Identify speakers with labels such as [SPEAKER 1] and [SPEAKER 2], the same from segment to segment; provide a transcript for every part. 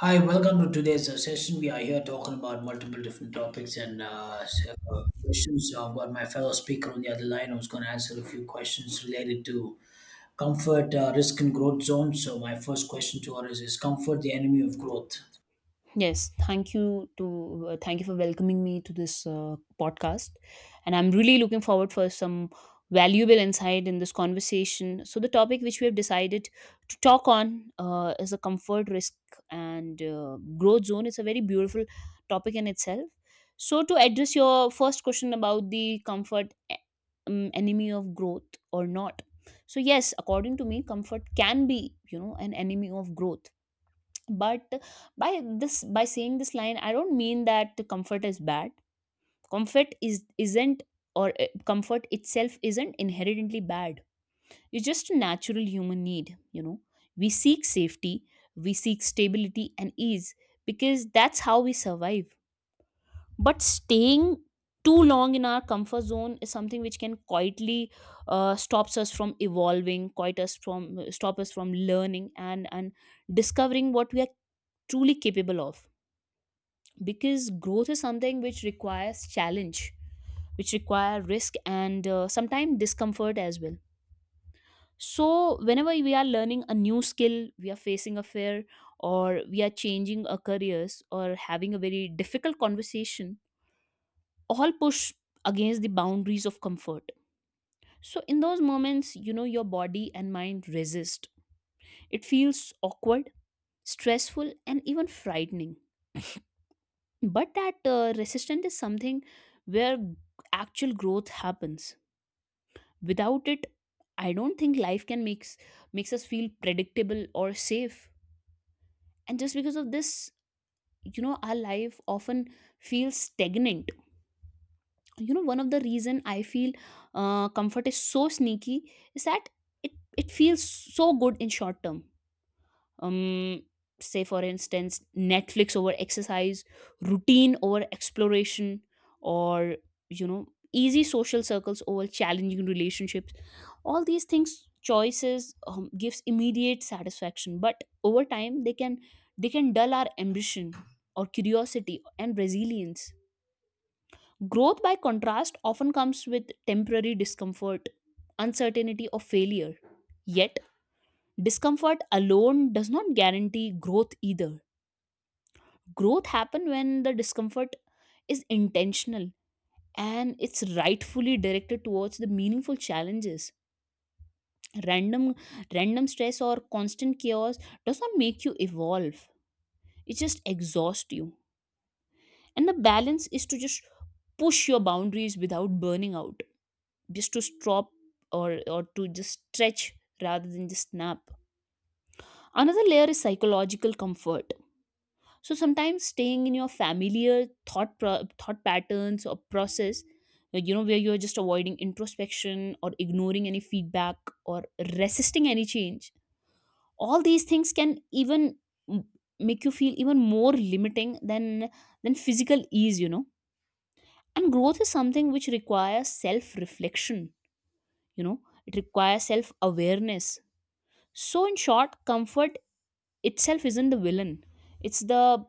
[SPEAKER 1] Hi, welcome to today's session. We are here talking about multiple different topics and questions. So I've got my fellow speaker on the other line who's going to answer a few questions related to comfort, risk, and growth zones. So, my first question to her is comfort the enemy of growth?
[SPEAKER 2] Yes, thank you for welcoming me to this podcast, and I'm really looking forward for some valuable insight in this conversation. So the topic which we have decided to talk on is a comfort risk and growth zone. It's a very beautiful topic in itself. So to address your first question about the enemy of growth or not. So yes, according to me, comfort can be you know an enemy of growth, but by saying this line, I don't mean that comfort is bad. comfort is isn't Comfort itself isn't inherently bad. It's just a natural human need, you know. We seek safety, we seek stability and ease, because that's how we survive. But staying too long in our comfort zone is something which can quietly stops us from evolving, quite us from stop us from learning, and discovering what we are truly capable of, because growth is something which requires challenge, which require risk, and sometimes discomfort as well. So whenever we are learning a new skill, we are facing a fear, or we are changing our careers, or having a very difficult conversation, all push against the boundaries of comfort. So in those moments, you know, your body and mind resist. It feels awkward, stressful, and even frightening, but that resistance is something where actual growth happens. Without it, I don't think life can makes makes us feel predictable or safe, and just because of this, you know, our life often feels stagnant. You know, one of the reason I feel comfort is so sneaky is that it it feels so good in short term. um Say for instance, Netflix over exercise, routine over exploration, or you know, easy social circles over challenging relationships. All these things, choices, gives immediate satisfaction, but over time, they can dull our ambition, or curiosity and resilience. Growth, by contrast, often comes with temporary discomfort, uncertainty, or failure. Yet discomfort alone does not guarantee growth either. Growth happen when the discomfort is intentional, and it's rightfully directed towards the meaningful challenges. random Random stress or constant chaos does not make you evolve, it just exhausts you. And the balance is to just push your boundaries without burning out, just to stop, or to just stretch rather than just snap. Another layer is psychological comfort. So sometimes staying in your familiar thought patterns or process, you know, where you're just avoiding introspection or ignoring any feedback, or resisting any change, all these things can even m- make you feel even more limiting than physical ease, you know. And growth is something which requires self reflection. You know, it requires self awareness. So in short, comfort itself isn't the villain; it's the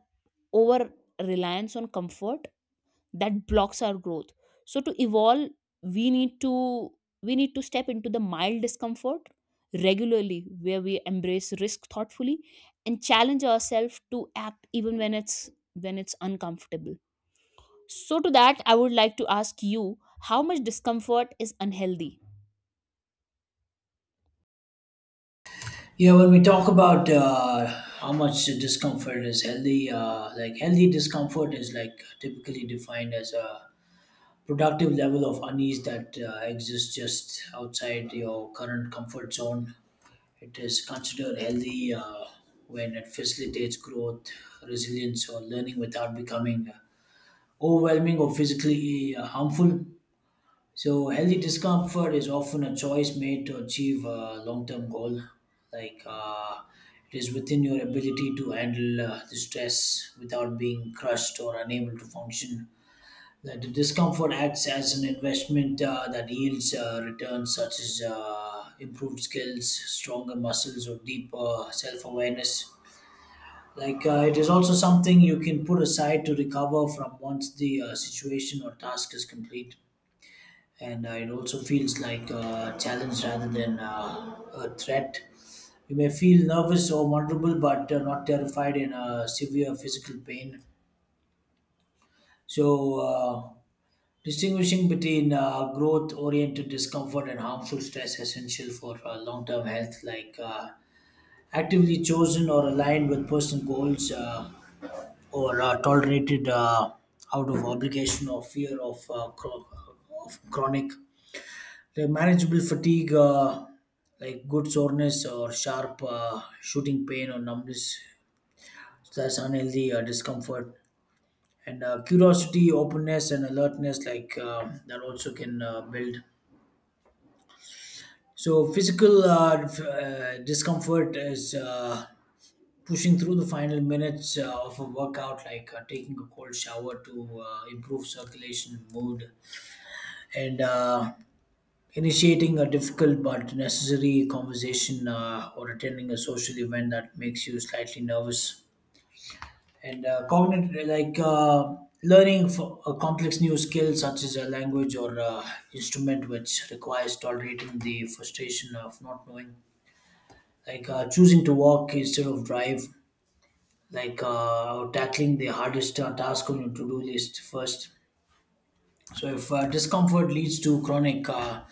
[SPEAKER 2] over reliance on comfort that blocks our growth. So to evolve, we need to we need to step into the mild discomfort regularly, where we embrace risk thoughtfully and challenge ourselves to act even when it's uncomfortable. So to that, I would like to ask you, how much discomfort is unhealthy?
[SPEAKER 1] Yeah, when we talk about how much discomfort is healthy, like, healthy discomfort is like typically defined as a productive level of unease that exists just outside your current comfort zone. It is considered healthy when it facilitates growth, resilience, or learning without becoming overwhelming or physically harmful. So, healthy discomfort is often a choice made to achieve a long term goal. Like, it is within your ability to handle the stress without being crushed or unable to function, that the discomfort acts as an investment that yields returns such as improved skills, stronger muscles, or deeper self awareness. Like, it is also something you can put aside to recover from once the situation or task is complete. And it also feels like a challenge rather than a threat. You may feel nervous or vulnerable, but not terrified in a severe physical pain. So, distinguishing between growth oriented discomfort and harmful stress essential for long term health, like actively chosen or aligned with personal goals, or tolerated out of obligation or fear of, of chronic. The manageable fatigue, like good soreness or sharp shooting pain or numbness, so that's unhealthy discomfort. And curiosity, openness, and alertness, like that also can build. So physical discomfort is pushing through the final minutes of a workout, like taking a cold shower to improve circulation mood, and initiating a difficult but necessary conversation or attending a social event that makes you slightly nervous. And cognitive, like learning for a complex new skill such as a language or instrument, which requires tolerating the frustration of not knowing, like choosing to walk instead of drive, like tackling the hardest task on your to-do list first. So if discomfort leads to chronic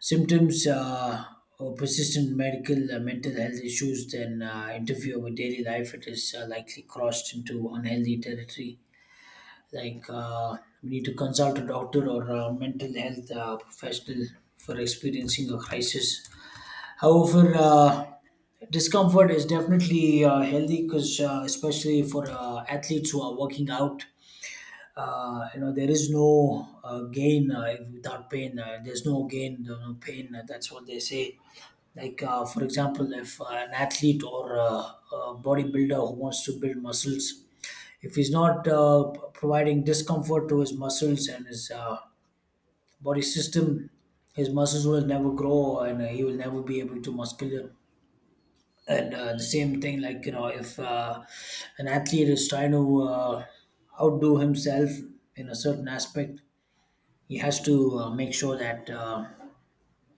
[SPEAKER 1] symptoms or persistent medical mental health issues then interfere with daily life, it is likely crossed into unhealthy territory. Like, we need to consult a doctor or a mental health professional for experiencing a crisis. However, discomfort is definitely healthy because, especially for athletes who are working out, you know, there is no gain if without pain, there's no gain, there's no pain, that's what they say. Like, for example, if an athlete or a bodybuilder who wants to build muscles, if he's not providing discomfort to his muscles and his body system, his muscles will never grow and he will never be able to muscular. And the same thing, like, you know, if an athlete is trying to outdo himself in a certain aspect, he has to make sure that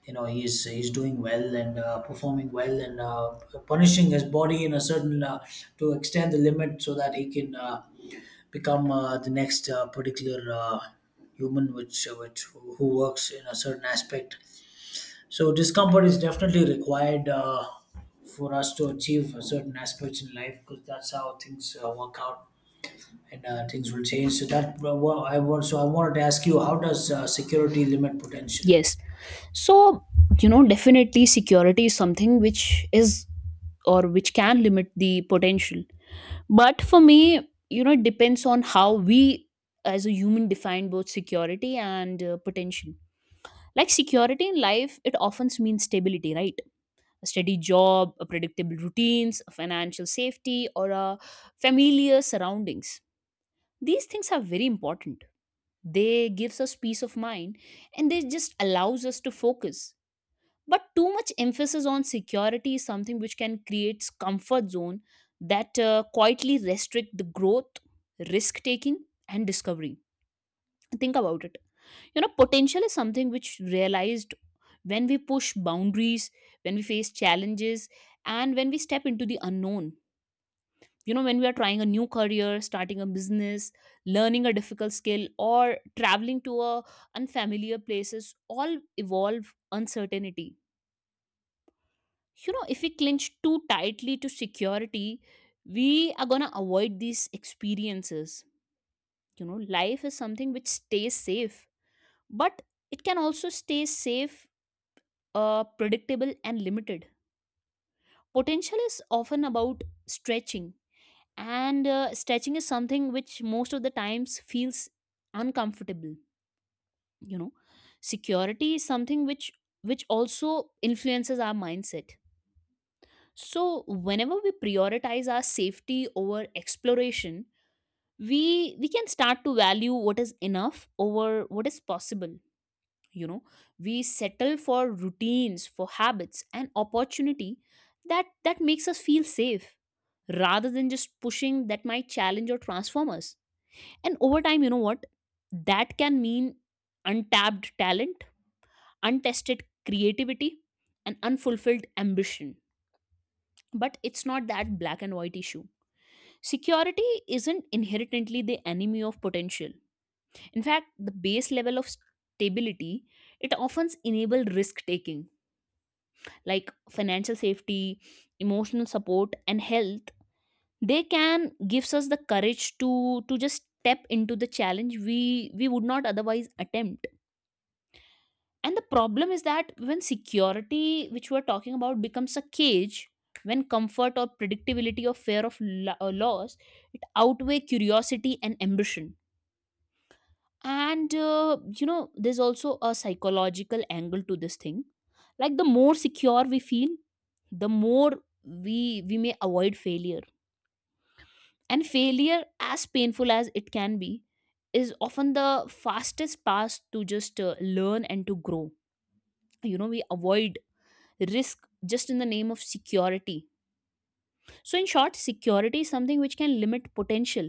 [SPEAKER 1] you know, he's doing well and performing well and punishing his body in a certain to extend the limit so that he can become the next particular human, which who works in a certain aspect. So discomfort is definitely required for us to achieve certain aspects in life because that's how things work out and things will change. So that I wanted to ask you, how does security limit potential?
[SPEAKER 2] Yes, so you know, definitely security is something which is, or which can limit the potential. But for me, you know, it depends on how we as a human define both security and potential. Like security in life, it often means stability, right? A steady job, a predictable routines, a financial safety, or a familiar surroundings. These things are very important. They gives us peace of mind, and they just allows us to focus. But too much emphasis on security is something which can create comfort zone that quietly restrict the growth, risk taking and discovery. Think about it. You know, potential is something which realized when we push boundaries, when we face challenges, and when we step into the unknown. You know, when we are trying a new career, starting a business, learning a difficult skill, or traveling to a unfamiliar places, all evolve uncertainty. You know, if we clinch too tightly to security, we are going to avoid these experiences. You know, life is something which stays safe, but it can also stay safe, predictable and limited. Potential is often about stretching, and stretching is something which most of the times feels uncomfortable. You know, security is something which also influences our mindset. So whenever we prioritize our safety over exploration, we can start to value what is enough over what is possible. You know, we settle for routines, for habits and opportunity that makes us feel safe, rather than just pushing that might challenge or transform us. And over time, you know what? That can mean untapped talent, untested creativity, and unfulfilled ambition. But it's not that black and white issue. Security isn't inherently the enemy of potential. In fact, the base level of stability, it often enables risk taking, like financial safety, emotional support and health. They can gives us the courage to just step into the challenge we would not otherwise attempt. And the problem is that when security which we're talking about becomes a cage, when comfort or predictability or fear of loss, it outweigh curiosity and ambition. And you know, there's also a psychological angle to this thing. Like the more secure we feel, the more we may avoid failure. And failure, as painful as it can be, is often the fastest path to just learn and to grow. You know, we avoid risk just in the name of security. So in short, security is something which can limit potential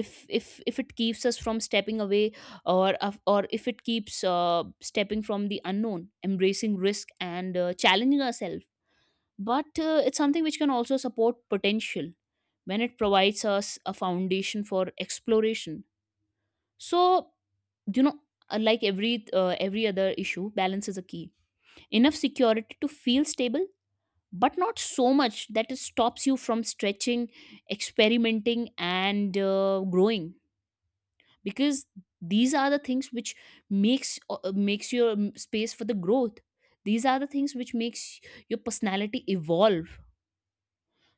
[SPEAKER 2] if if it keeps us from stepping away, or if it keeps stepping from the unknown, embracing risk, and challenging ourselves. But it's something which can also support potential when it provides us a foundation for exploration. So you know, like every other issue, balance is a key. Enough security to feel stable, but not so much that it stops you from stretching, experimenting, and growing. Because these are the things which makes your space for the growth. These are the things which makes your personality evolve.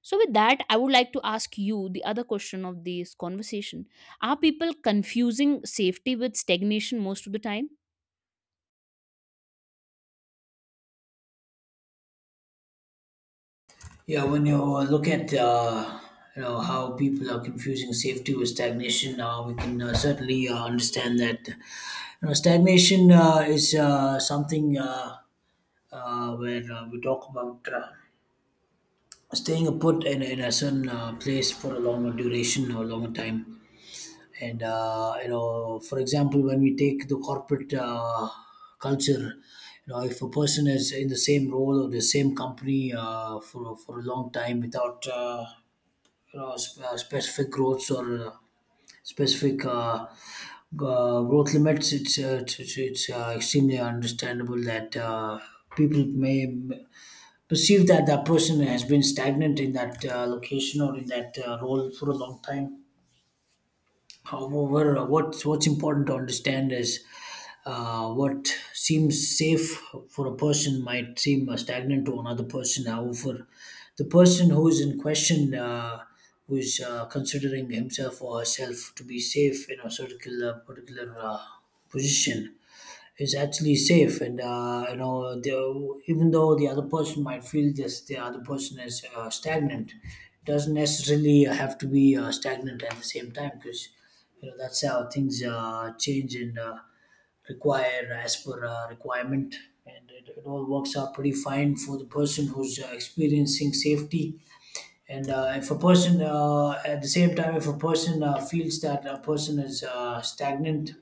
[SPEAKER 2] So with that, I would like to ask you the other question of this conversation. Are people confusing safety with stagnation most of the time?
[SPEAKER 1] Yeah, when you look at you know, how people are confusing safety with stagnation, we can certainly understand that, you know, stagnation is something where we talk about. Staying put in a certain place for a longer duration or longer time. And you know, for example, when we take the corporate culture, you know, if a person is in the same role or the same company for a long time without you know, specific growths or specific growth limits, it's extremely understandable that people may perceive that that person has been stagnant in that location or in that role for a long time. However, what's important to understand is what seems safe for a person might seem stagnant to another person. However, the person who is in question, who is considering himself or herself to be safe in a particular position, is actually safe. And you know, the, even though the other person might feel this, the other person is stagnant, it doesn't necessarily have to be stagnant at the same time, because, you know, that's how things change and require as per requirement, and it all works out pretty fine for the person who's experiencing safety. And if a person, at the same time, if a person feels that a person is stagnant,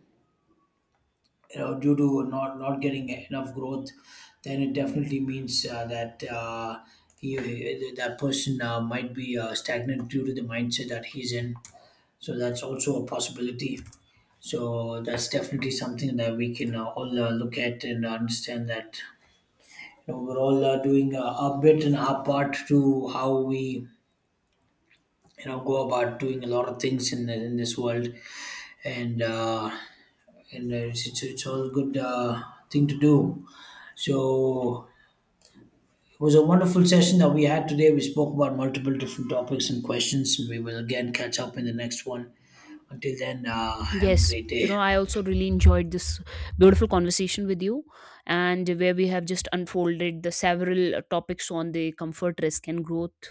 [SPEAKER 1] you know, due to not getting enough growth, then it definitely means he, that person might be stagnant due to the mindset that he's in, so that's also a possibility. So that's definitely something that we can all look at and understand that, you know, we're all doing our bit and our part to how we, you know, go about doing a lot of things in this world. And uh, and uh, it's, it's it's all good thing to do. So it was a wonderful session that we had today. We spoke about multiple different topics and questions. We will again catch up in the next one. Until then, have a
[SPEAKER 2] Yes,
[SPEAKER 1] great
[SPEAKER 2] you know,
[SPEAKER 1] day.
[SPEAKER 2] I also really enjoyed this beautiful conversation with you, and where we have just unfolded the several topics on the comfort, risk, and growth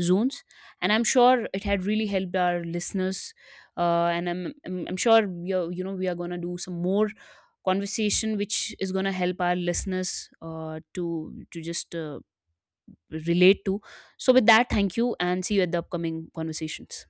[SPEAKER 2] zones. And I'm sure it had really helped our listeners. And I'm sure we are, you know, we are gonna do some more conversation, which is gonna help our listeners to just relate to. So with that, thank you, and see you at the upcoming conversations.